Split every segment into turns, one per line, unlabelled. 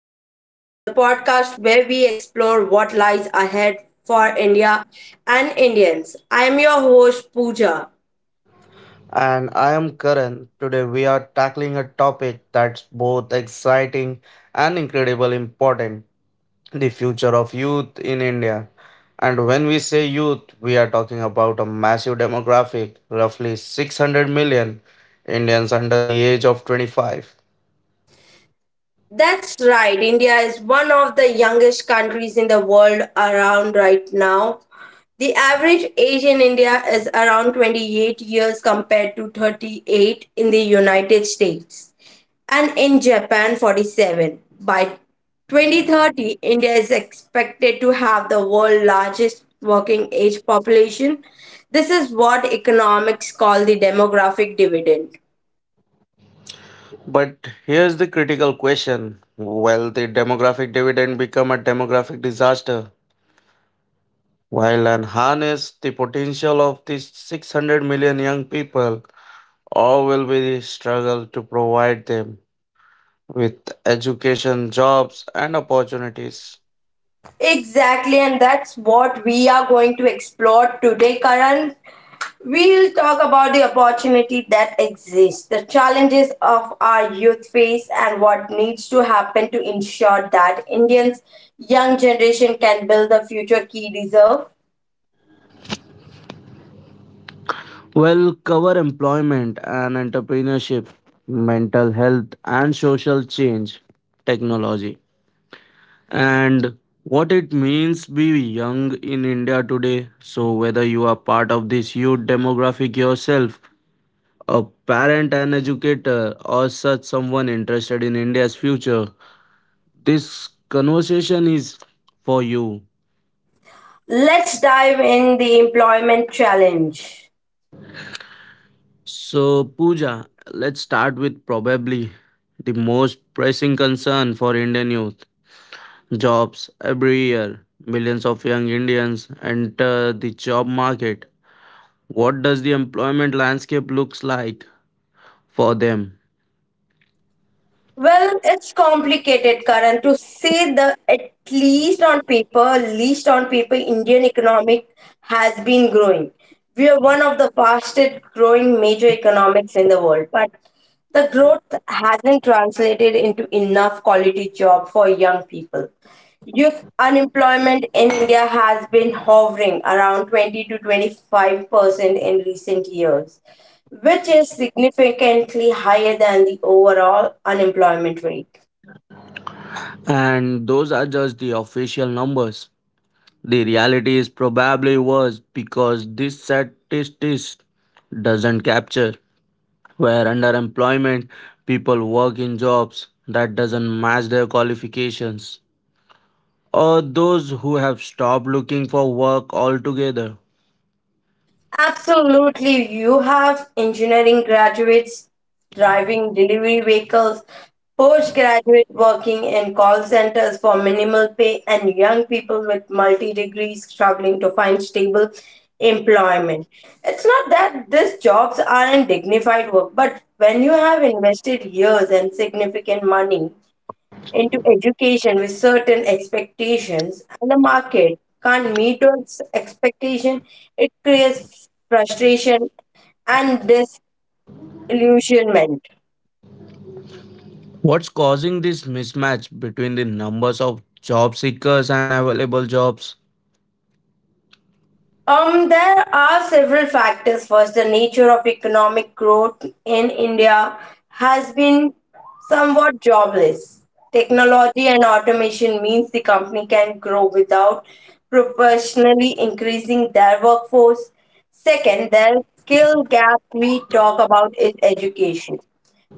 Forward, the podcast where we explore what lies ahead for India and Indians. I am your host, Pooja.
And I am Karan. Today we are tackling a topic that's both exciting and incredibly important, the future of youth in India. And when we say youth, we are talking about a massive demographic, roughly 600 million Indians under the age of 25.
That's right, India is one of the youngest countries in the world around right now. The average age in India is around 28 years compared to 38 in the United States, and in Japan 47. By 2030, India is expected to have the world's largest working age population. This is what economics call the demographic dividend.
But here's the critical question, will the demographic dividend become a demographic disaster? While unharness the potential of these 600 million young people, or will we struggle to provide them with education, jobs, and opportunities?
Exactly, and that's what we are going to explore today, Karan. We'll talk about the opportunity that exists, the challenges of our youth face, and what needs to happen to ensure that Indians' young generation can build the future key deserve.
Well, cover employment and entrepreneurship, mental health, and social change, technology, and what it means be young in India today. So, whether you are part of this youth demographic yourself, a parent, an educator, or such someone interested in India's future, this conversation is for you.
Let's dive in the employment challenge.
So, Pooja, let's start with probably the most pressing concern for Indian youth, jobs. Every year, millions of young Indians enter the job market. What does the employment landscape looks like for them?
Well, it's complicated, Karan, to say the at least on paper, Indian economic has been growing. We are one of the fastest growing major economics in the world, but the growth hasn't translated into enough quality job for young people. Youth unemployment in India has been hovering around 20 to 25 percent in recent years, which is significantly higher than the overall unemployment rate.
And those are just the official numbers. The reality is probably worse because this statistics doesn't capture where underemployment, people work in jobs that doesn't match their qualifications, or those who have stopped looking for work altogether.
Absolutely, you have engineering graduates driving delivery vehicles, postgraduate working in call centers for minimal pay, and young people with multi degrees struggling to find stable employment. It's not that these jobs aren't dignified work, but when you have invested years and significant money into education with certain expectations and the market can't meet those expectations, it creates frustration and disillusionment.
What's causing this mismatch between the numbers of job seekers and available jobs?
There are several factors. First, the nature of economic growth in India has been somewhat jobless. Technology and automation means the company can grow without proportionally increasing their workforce. Second, the skill gap we talk about is education.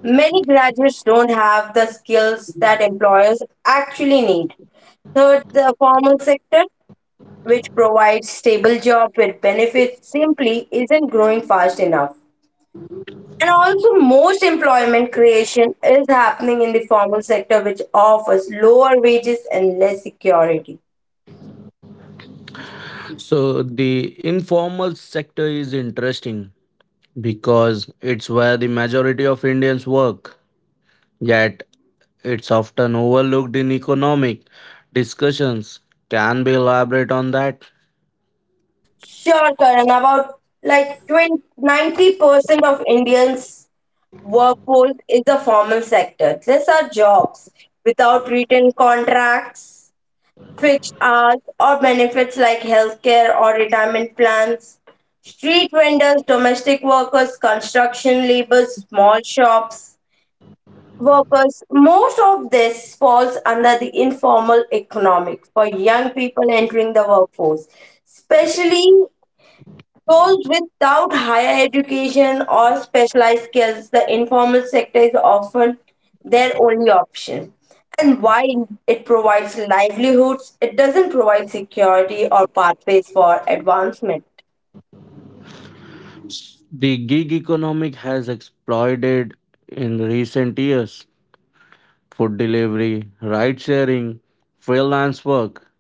Many graduates don't have the skills that employers actually need. Third, the formal sector which provides stable job with benefits simply isn't growing fast enough. And also most employment creation is happening in the formal sector which offers lower wages and less security.
So the informal sector is interesting because it's where the majority of Indians work, yet it's often overlooked in economic discussions. Can we elaborate on that?
Sure, Karan, about like 20 90% of Indians workforce is the formal sector. These are jobs without written contracts, fixed hours, or benefits like healthcare or retirement plans. Street vendors, domestic workers, construction laborers, small shops workers, most of this falls under the informal economic for young people entering the workforce, especially Roles without higher education or specialized skills, the informal sector is often their only option. And while it provides livelihoods, it doesn't provide security or pathways for advancement.
The gig economic has exploded in recent years. Food delivery, ride sharing, freelance work.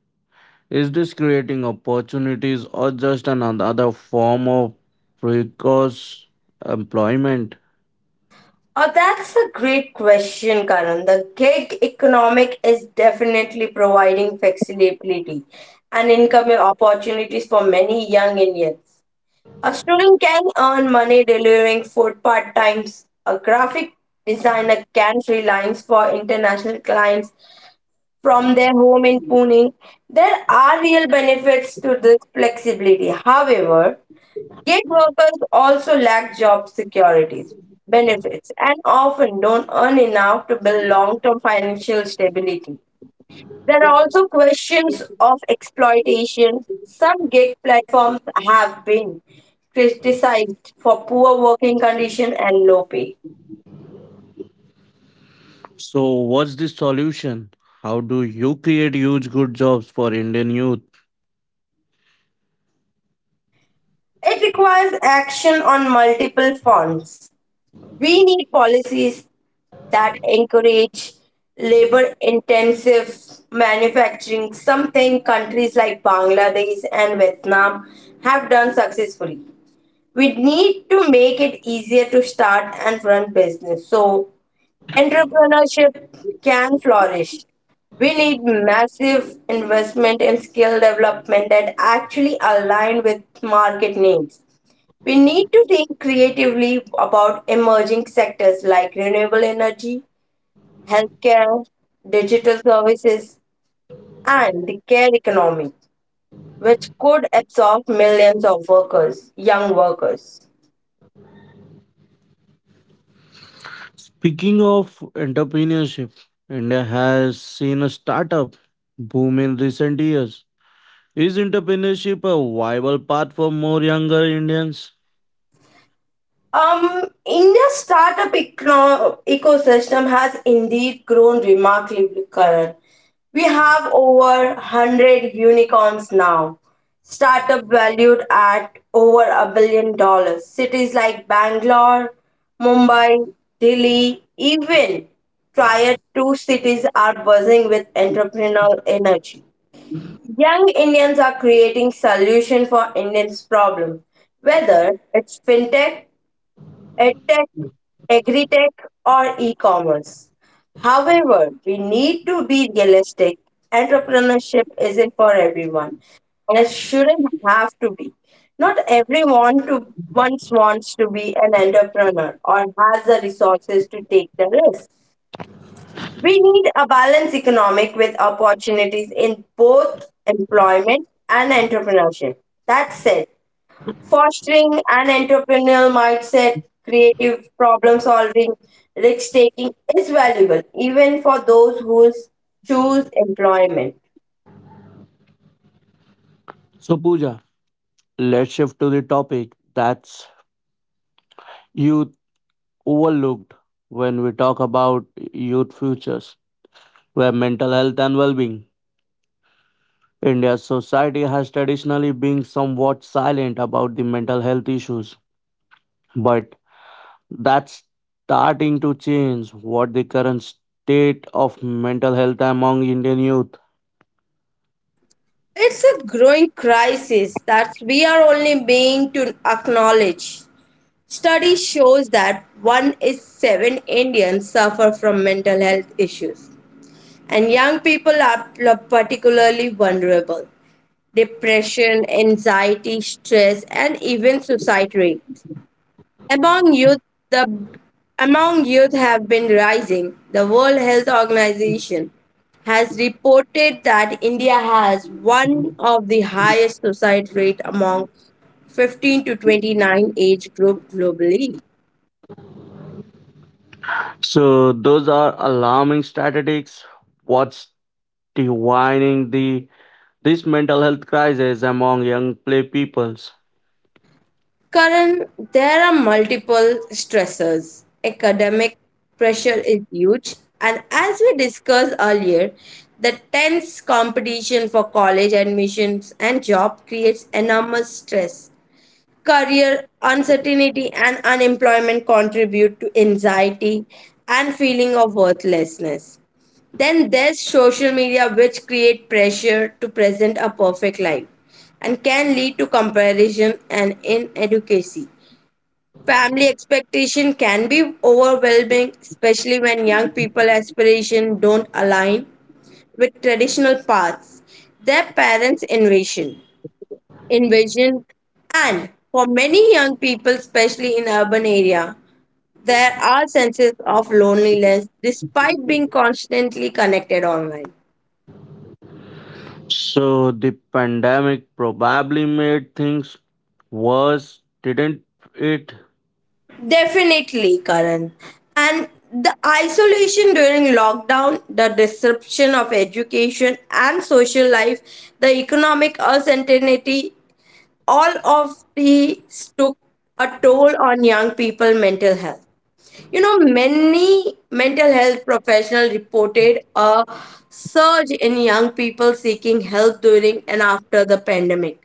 Is this creating opportunities or just another form of precarious employment?
Oh, that's a great question, Karan. The gig economic is definitely providing flexibility and income opportunities for many young Indians. A student can earn money delivering food part times. A graphic designer can freelance for international clients from their home in Pune. There are real benefits to this flexibility. However, gig workers also lack job securities, benefits, and often don't earn enough to build long term financial stability. There are also questions of exploitation. Some gig platforms have been criticized for poor working conditions and low pay.
So, what's the solution? How do you create huge good jobs for Indian youth?
It requires action on multiple fronts. We need policies that encourage labor intensive manufacturing, something countries like Bangladesh and Vietnam have done successfully. We need to make it easier to start and run business so entrepreneurship can flourish. We need massive investment in skill development that actually align with market needs. We need to think creatively about emerging sectors like renewable energy, healthcare, digital services, and the care economy, which could absorb millions of workers, young workers.
Speaking of entrepreneurship, India has seen a startup boom in recent years. Is entrepreneurship a viable path for more younger Indians?
India's startup ecosystem has indeed grown remarkably, Karan. We have over 100 unicorns now, startup valued at over $1 billion. Cities like Bangalore, Mumbai, Delhi, even prior two cities are buzzing with entrepreneurial energy. Young Indians are creating solutions for Indians' problem, whether it's fintech, edtech, tech, or e-commerce. However, we need to be realistic. Entrepreneurship isn't for everyone, and it shouldn't have to be. Not everyone to once wants to be an entrepreneur or has the resources to take the risk. We need a balanced economic with opportunities in both employment and entrepreneurship. That's it fostering an entrepreneurial mindset, creative problem solving, risk taking is valuable even for those who choose employment.
So, Pooja, let's shift to the topic that's youth, overlooked when we talk about youth futures, where mental health and well being. India's society has traditionally been somewhat silent about the mental health issues, but that's starting to change. What the current state of mental health among Indian youth?
It's a growing crisis that we are only being to acknowledge. Study shows that one is seven Indians suffer from mental health issues, and young people are particularly vulnerable depression, anxiety, stress, and even suicide rates. Among youth, the among youth have been rising. The World Health Organization has reported that India has one of the highest suicide rate among 15 to 29 age group globally.
So, those are alarming statistics. What's divining the this mental health crisis among young play peoples?
Karan, there are multiple stressors. Academic pressure is huge, and as we discussed earlier, the tense competition for college admissions and job creates enormous stress. Career uncertainty and unemployment contribute to anxiety and feeling of worthlessness. Then there's social media which create pressure to present a perfect life and can lead to comparison and inadequacy. Family expectation can be overwhelming, especially when young people aspiration don't align with traditional paths. Their parents' invasion, and for many young people, especially in urban area, there are senses of loneliness despite being constantly connected online.
So the pandemic probably made things worse, didn't it?
Definitely, Karan. And the isolation during lockdown, the disruption of education and social life, the economic uncertainty all of these took a toll on young people mental health. You know many mental health professionals reported a surge in young people seeking help during and after the pandemic.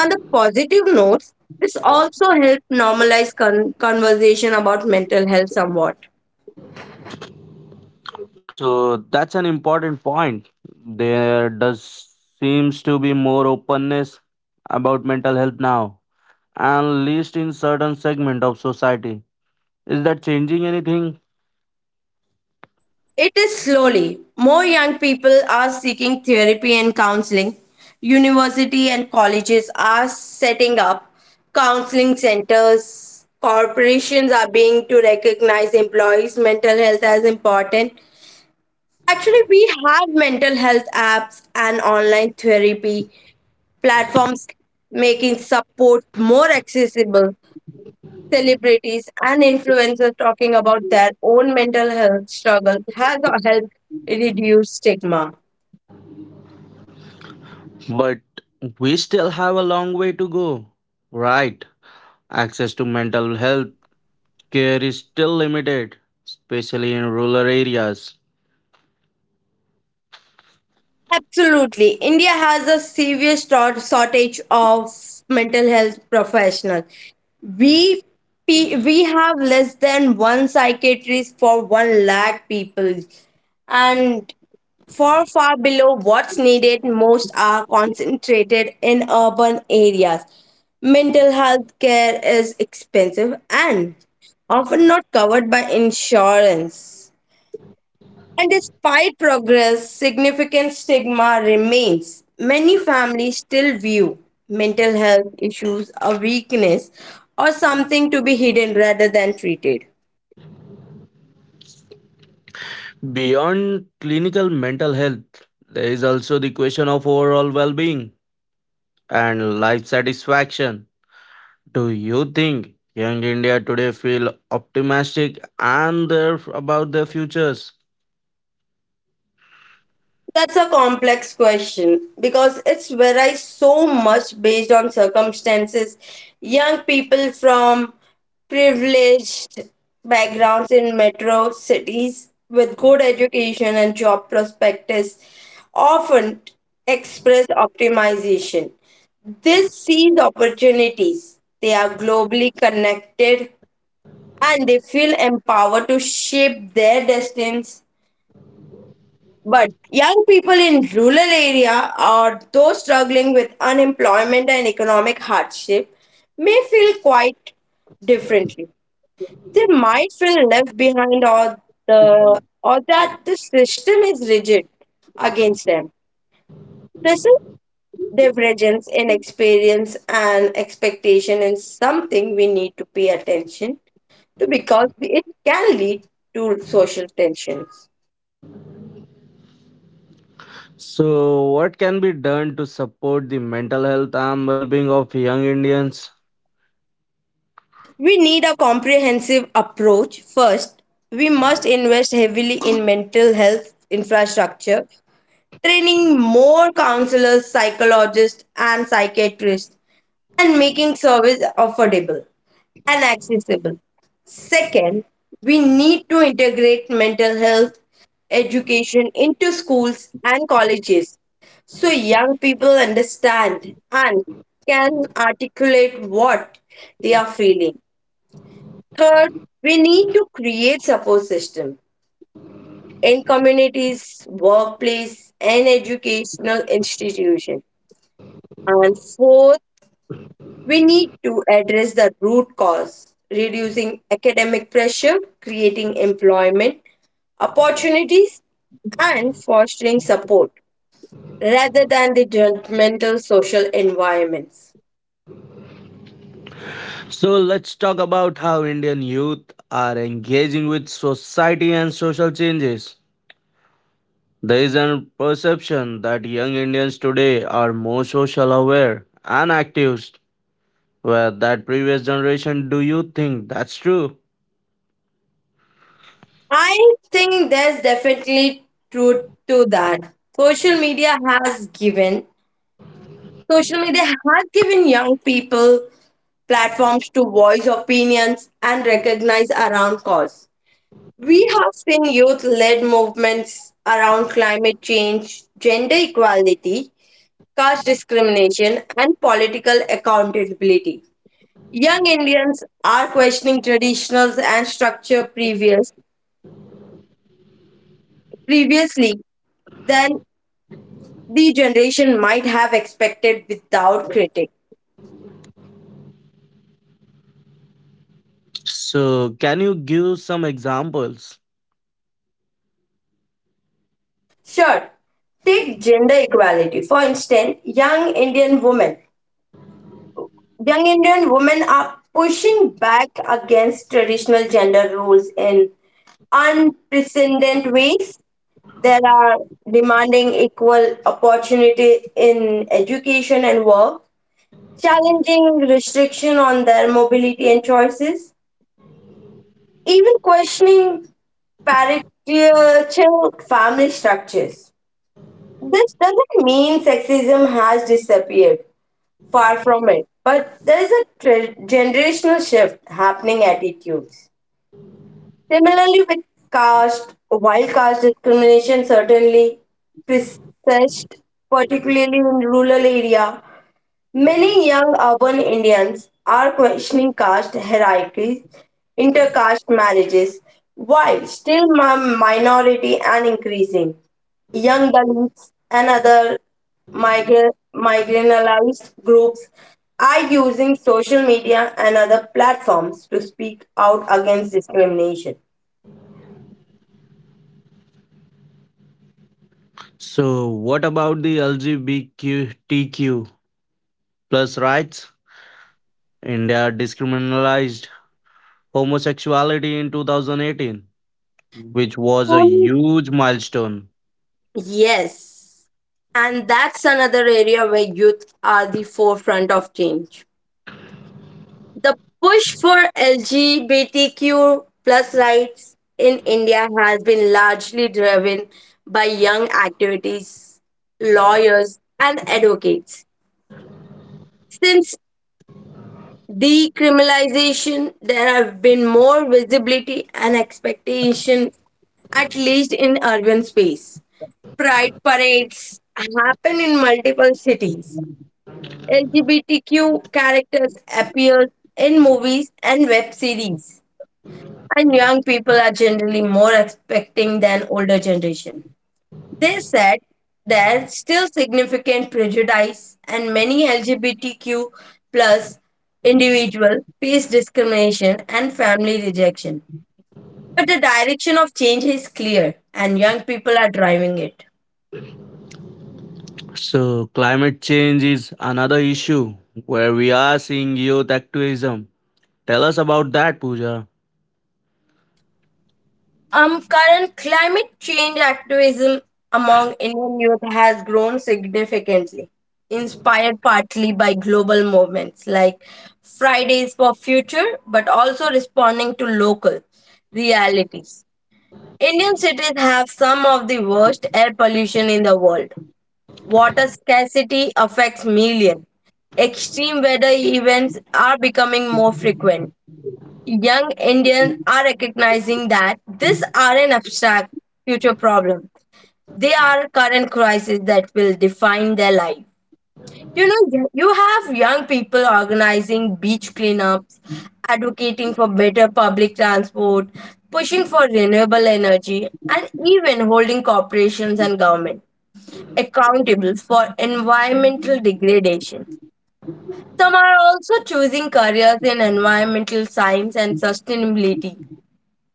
On the positive notes this also helped normalize conversation about mental health somewhat.
So that's an important point. There does seems to be more openness about mental health now, at least in certain segment of society. Is that changing anything?
It is slowly. More young people are seeking therapy and counseling. University and colleges are setting up counseling centers. Corporations are being to recognize employees' mental health as important. Actually, we have mental health apps and online therapy platforms making support more accessible. Celebrities and influencers talking about their own mental health struggle has helped reduce stigma.
But we still have a long way to go. Right. Access to mental health care is still limited, especially in rural areas.
Absolutely. India has a serious shortage of mental health professionals. We we have less than one psychiatrist for 1 lakh people, and far, far below what's needed, most are concentrated in urban areas. Mental health care is expensive and often not covered by insurance. And despite progress, significant stigma remains. Many families still view mental health issues a weakness or something to be hidden rather than treated.
Beyond clinical mental health, there is also the question of overall well being and life satisfaction. Do you think young India today feel optimistic and their, about their futures?
That's a complex question because it's varies so much based on circumstances. Young people from privileged backgrounds in metro cities with good education and job prospects often express optimization. This sees opportunities. They are globally connected and they feel empowered to shape their destinies but young people in rural area or those struggling with unemployment and economic hardship may feel quite differently. They might feel left behind or the or that the system is rigid against them. This is divergence in experience and expectation is something we need to pay attention to because it can lead to social tensions.
So, what can be done to support the mental health and well being of young Indians?
We need a comprehensive approach. First, we must invest heavily in mental health infrastructure, training more counselors, psychologists, and psychiatrists, and making service affordable and accessible. Second, we need to integrate mental health education into schools and colleges so young people understand and can articulate what they are feeling. Third, we need to create support system in communities, workplace, and educational institution. And fourth, we need to address the root cause, reducing academic pressure, creating employment opportunities, and fostering support rather than the judgmental social environments.
So, let's talk about how Indian youth are engaging with society and social changes. There is a perception that young Indians today are more social aware and active, where that previous generation. Do you think that's true?
I think there's definitely truth to that. Social media has given Social media has given young people platforms to voice opinions and recognize around cause. We have seen youth led movements around climate change, gender equality, caste discrimination, and political accountability. Young Indians are questioning traditionals and structure previously than the generation might have expected without critic.
So, can you give some examples?
Sure. Take gender equality. For instance, Young Indian women are pushing back against traditional gender roles in unprecedented ways. They are demanding equal opportunity in education and work, challenging restriction on their mobility and choices, even questioning parental family structures. This doesn't mean sexism has disappeared. Far from it. But there is a generational shift happening attitudes. Similarly, with caste, while caste discrimination certainly persists, particularly in rural area, many young urban Indians are questioning caste hierarchies, intercaste marriages, while still a minority and increasing. Young Dalits and other marginalized groups are using social media and other platforms to speak out against discrimination.
So, what about the LGBTQ plus rights? India decriminalized homosexuality in 2018, which was a
Um,
huge milestone.
Yes, and that's another area where youth are the forefront of change. The push for LGBTQ plus rights in India has been largely driven by young activities, lawyers, and advocates. Since decriminalization, there have been more visibility and expectation, at least in urban space. Pride parades happen in multiple cities. LGBTQ characters appear in movies and web series and young people are generally more expecting than older generation. They said there's still significant prejudice and many LGBTQ plus individual face discrimination and family rejection. But the direction of change is clear and young people are driving it.
So, climate change is another issue where we are seeing youth activism. Tell us about that, Pooja.
Current climate change activism among Indian youth has grown significantly, inspired partly by global movements like Fridays for Future, but also responding to local realities. Indian cities have some of the worst air pollution in the world. Water scarcity affects millions. Extreme weather events are becoming more frequent. Young Indians are recognizing that these are an abstract future problem. They are current crisis that will define their life. You have young people organizing beach cleanups, advocating for better public transport, pushing for renewable energy, and even holding corporations and government accountable for environmental degradation. Some are also choosing careers in environmental science and sustainability,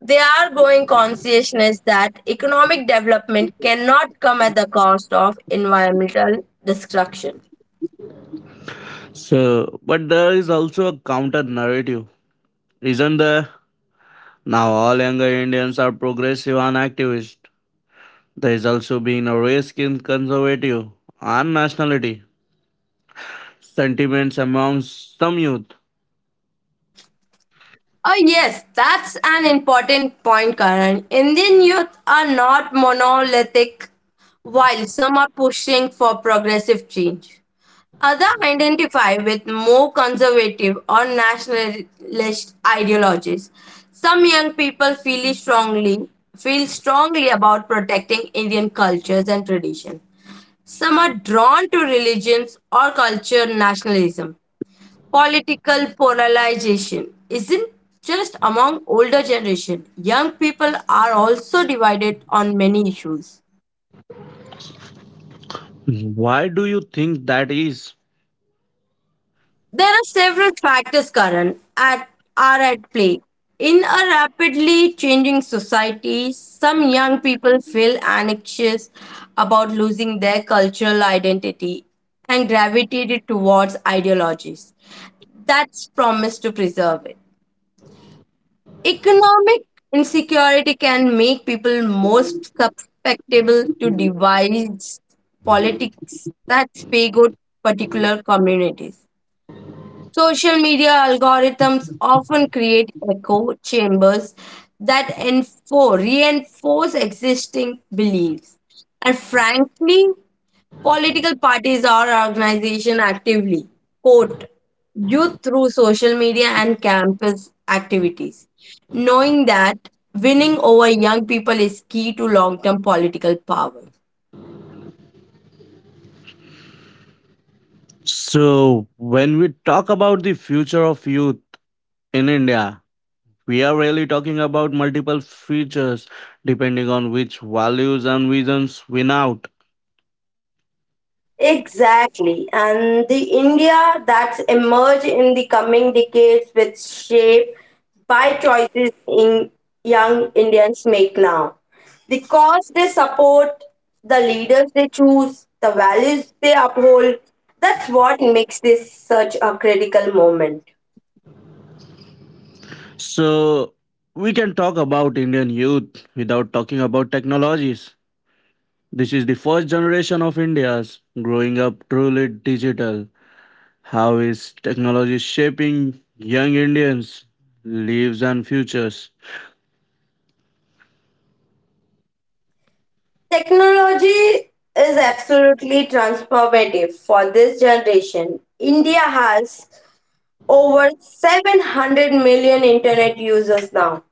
they are growing consciousness that economic development cannot come at the cost of environmental destruction.
So, but there is also a counter narrative, isn't there? Now, all younger Indians are progressive and activist. There is also being a risk in conservative and nationality sentiments amongst some youth.
Oh, yes, that's an important point, Karan. Indian youth are not monolithic, while some are pushing for progressive change. Others identify with more conservative or nationalist ideologies. Some young people feel strongly about protecting Indian cultures and tradition. Some are drawn to religions or culture nationalism. Political polarization isn't just among older generation. Young people are also divided on many issues.
Why do you think that is?
There are several factors current at are at play. In a rapidly changing society, some young people feel anxious about losing their cultural identity and gravitated towards ideologies that's promised to preserve it. Economic insecurity can make people more susceptible to divisive politics that favor particular communities. Social media algorithms often create echo chambers that reinforce existing beliefs. And frankly, political parties or organizations actively court youth through social media and campus activities, knowing that winning over young people is key to long term political power.
So, when we talk about the future of youth in India, we are really talking about multiple futures depending on which values and visions win out.
Exactly. And the India that's emerged in the coming decades with shape by choices in young Indians make now. The cause they support, the leaders they choose, the values they uphold, that's what makes this such a critical moment.
So, we can talk about Indian youth without talking about technologies. This is the first generation of India's growing up truly digital. How is technology shaping young Indians' lives and futures?
Technology is absolutely transformative for this generation. India has over 700 million internet users now,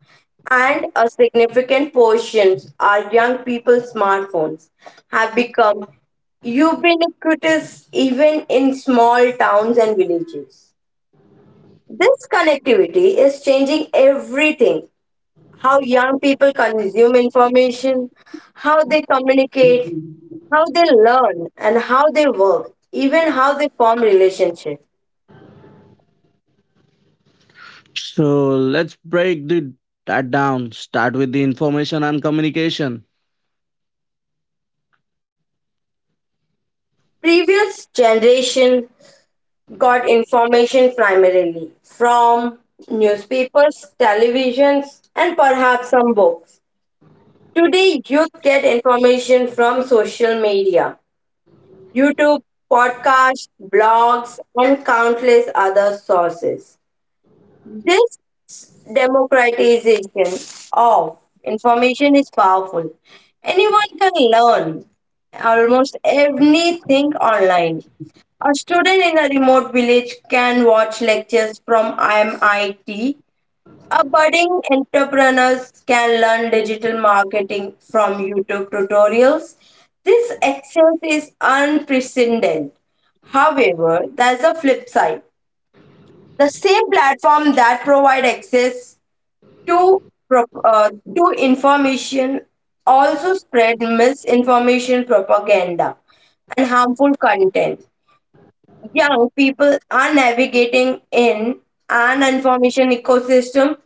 and a significant portion are young people. Smartphones have become ubiquitous even in small towns and villages. This connectivity is changing everything, how young people consume information, how they communicate, how they learn, and how they work, even how they form relationships.
So, let's break the that down. Start with the information and communication.
Previous generation got information primarily from newspapers, televisions, and perhaps some books. Today, youth get information from social media, YouTube, podcasts, blogs, and countless other sources. This democratization of information is powerful. Anyone can learn almost anything online. A student in a remote village can watch lectures from MIT. A budding entrepreneurs can learn digital marketing from YouTube tutorials. This access is unprecedented. However, there's a flip side. The same platform that provide access to pro- uh, to information also spread misinformation, propaganda, and harmful content. Young people are navigating in an information ecosystem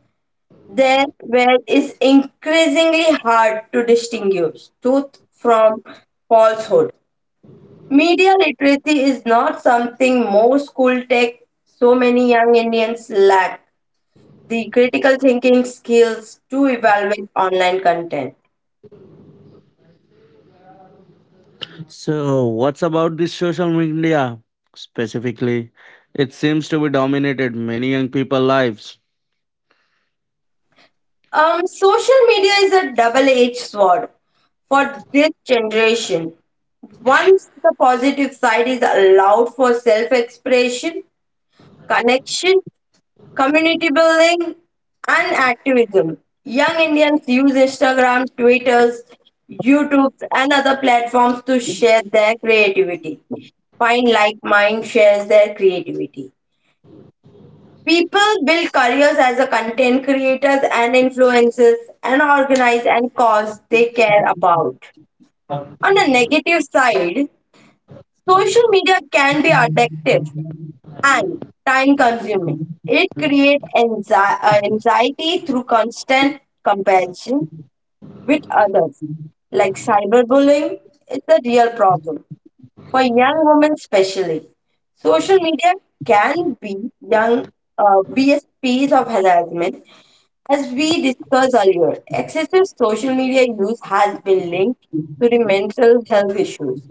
there where it's increasingly hard to distinguish truth from falsehood. Media literacy is not something more school tech, so many young Indians lack the critical thinking skills to evaluate online content.
So, what's about this social media specifically? It seems to be dominated many young people lives.
Social media is a double edged sword for this generation. Once the positive side is allowed for self expression, connection, community building, and activism, young Indians use Instagram, Twitters, YouTube, and other platforms to share their creativity. Find like mind shares their creativity. People build careers as a content creators and influencers and organize and cause they care about. On the negative side, social media can be addictive and time consuming. It creates anxiety through constant comparison with others. Like cyberbullying, it's a real problem for young women especially. Social media can be young be a space of harassment. As we discussed earlier, excessive social media use has been linked to the mental health issues.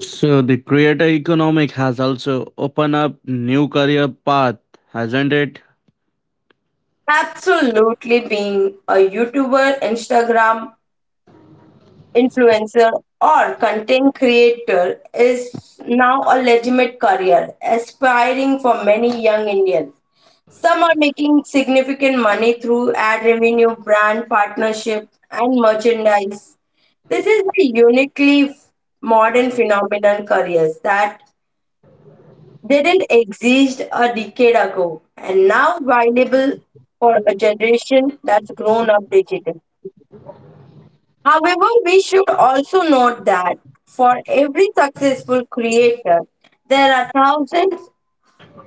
So the creator economic has also opened up new career path, hasn't it?
Absolutely, being a YouTuber, Instagram influencer, or content creator is now a legitimate career, aspiring for many young Indians. Some are making significant money through ad revenue, brand partnership, and merchandise. This is a uniquely modern phenomenon, careers that didn't exist a decade ago and now valuable for a generation that's grown up digital. However, we should also note that for every successful creator, there are thousands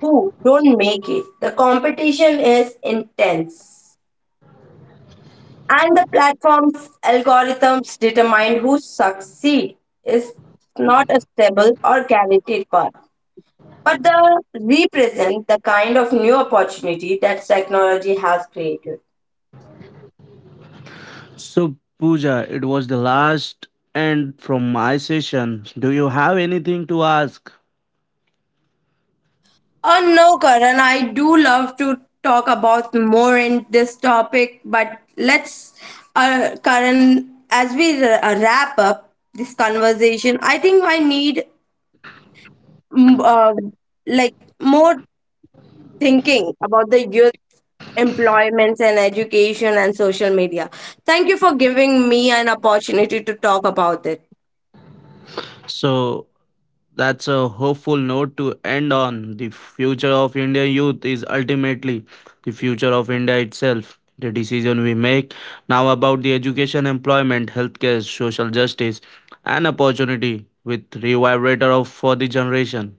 who don't make it. The competition is intense, and the platform's algorithms determine who succeed is not a stable or guaranteed path, but they represent the kind of new opportunity that technology has created.
So Pooja, it was the last end from my session. Do you have anything to ask?
Oh no, Karan, I do love to talk about more in this topic, but let's Karan, as we wrap up this conversation, I think I need mm, uh, like more thinking about the youth employments and education and social media. Thank you for giving me an opportunity to talk about it.
So that's a hopeful note to end on. The future of Indian youth is ultimately the future of India itself. The decision we make now about the education, employment, healthcare, social justice, and opportunity with revibrator of for the generation.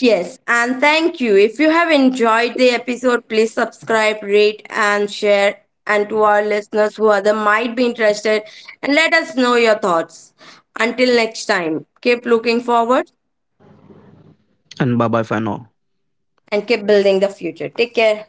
Yes, and thank you. If you have enjoyed the episode, please subscribe, rate, and share. And to our listeners who other might be interested, and let us know your thoughts. Until next time, keep looking forward
And bye bye for now.
and keep building the future. Take care.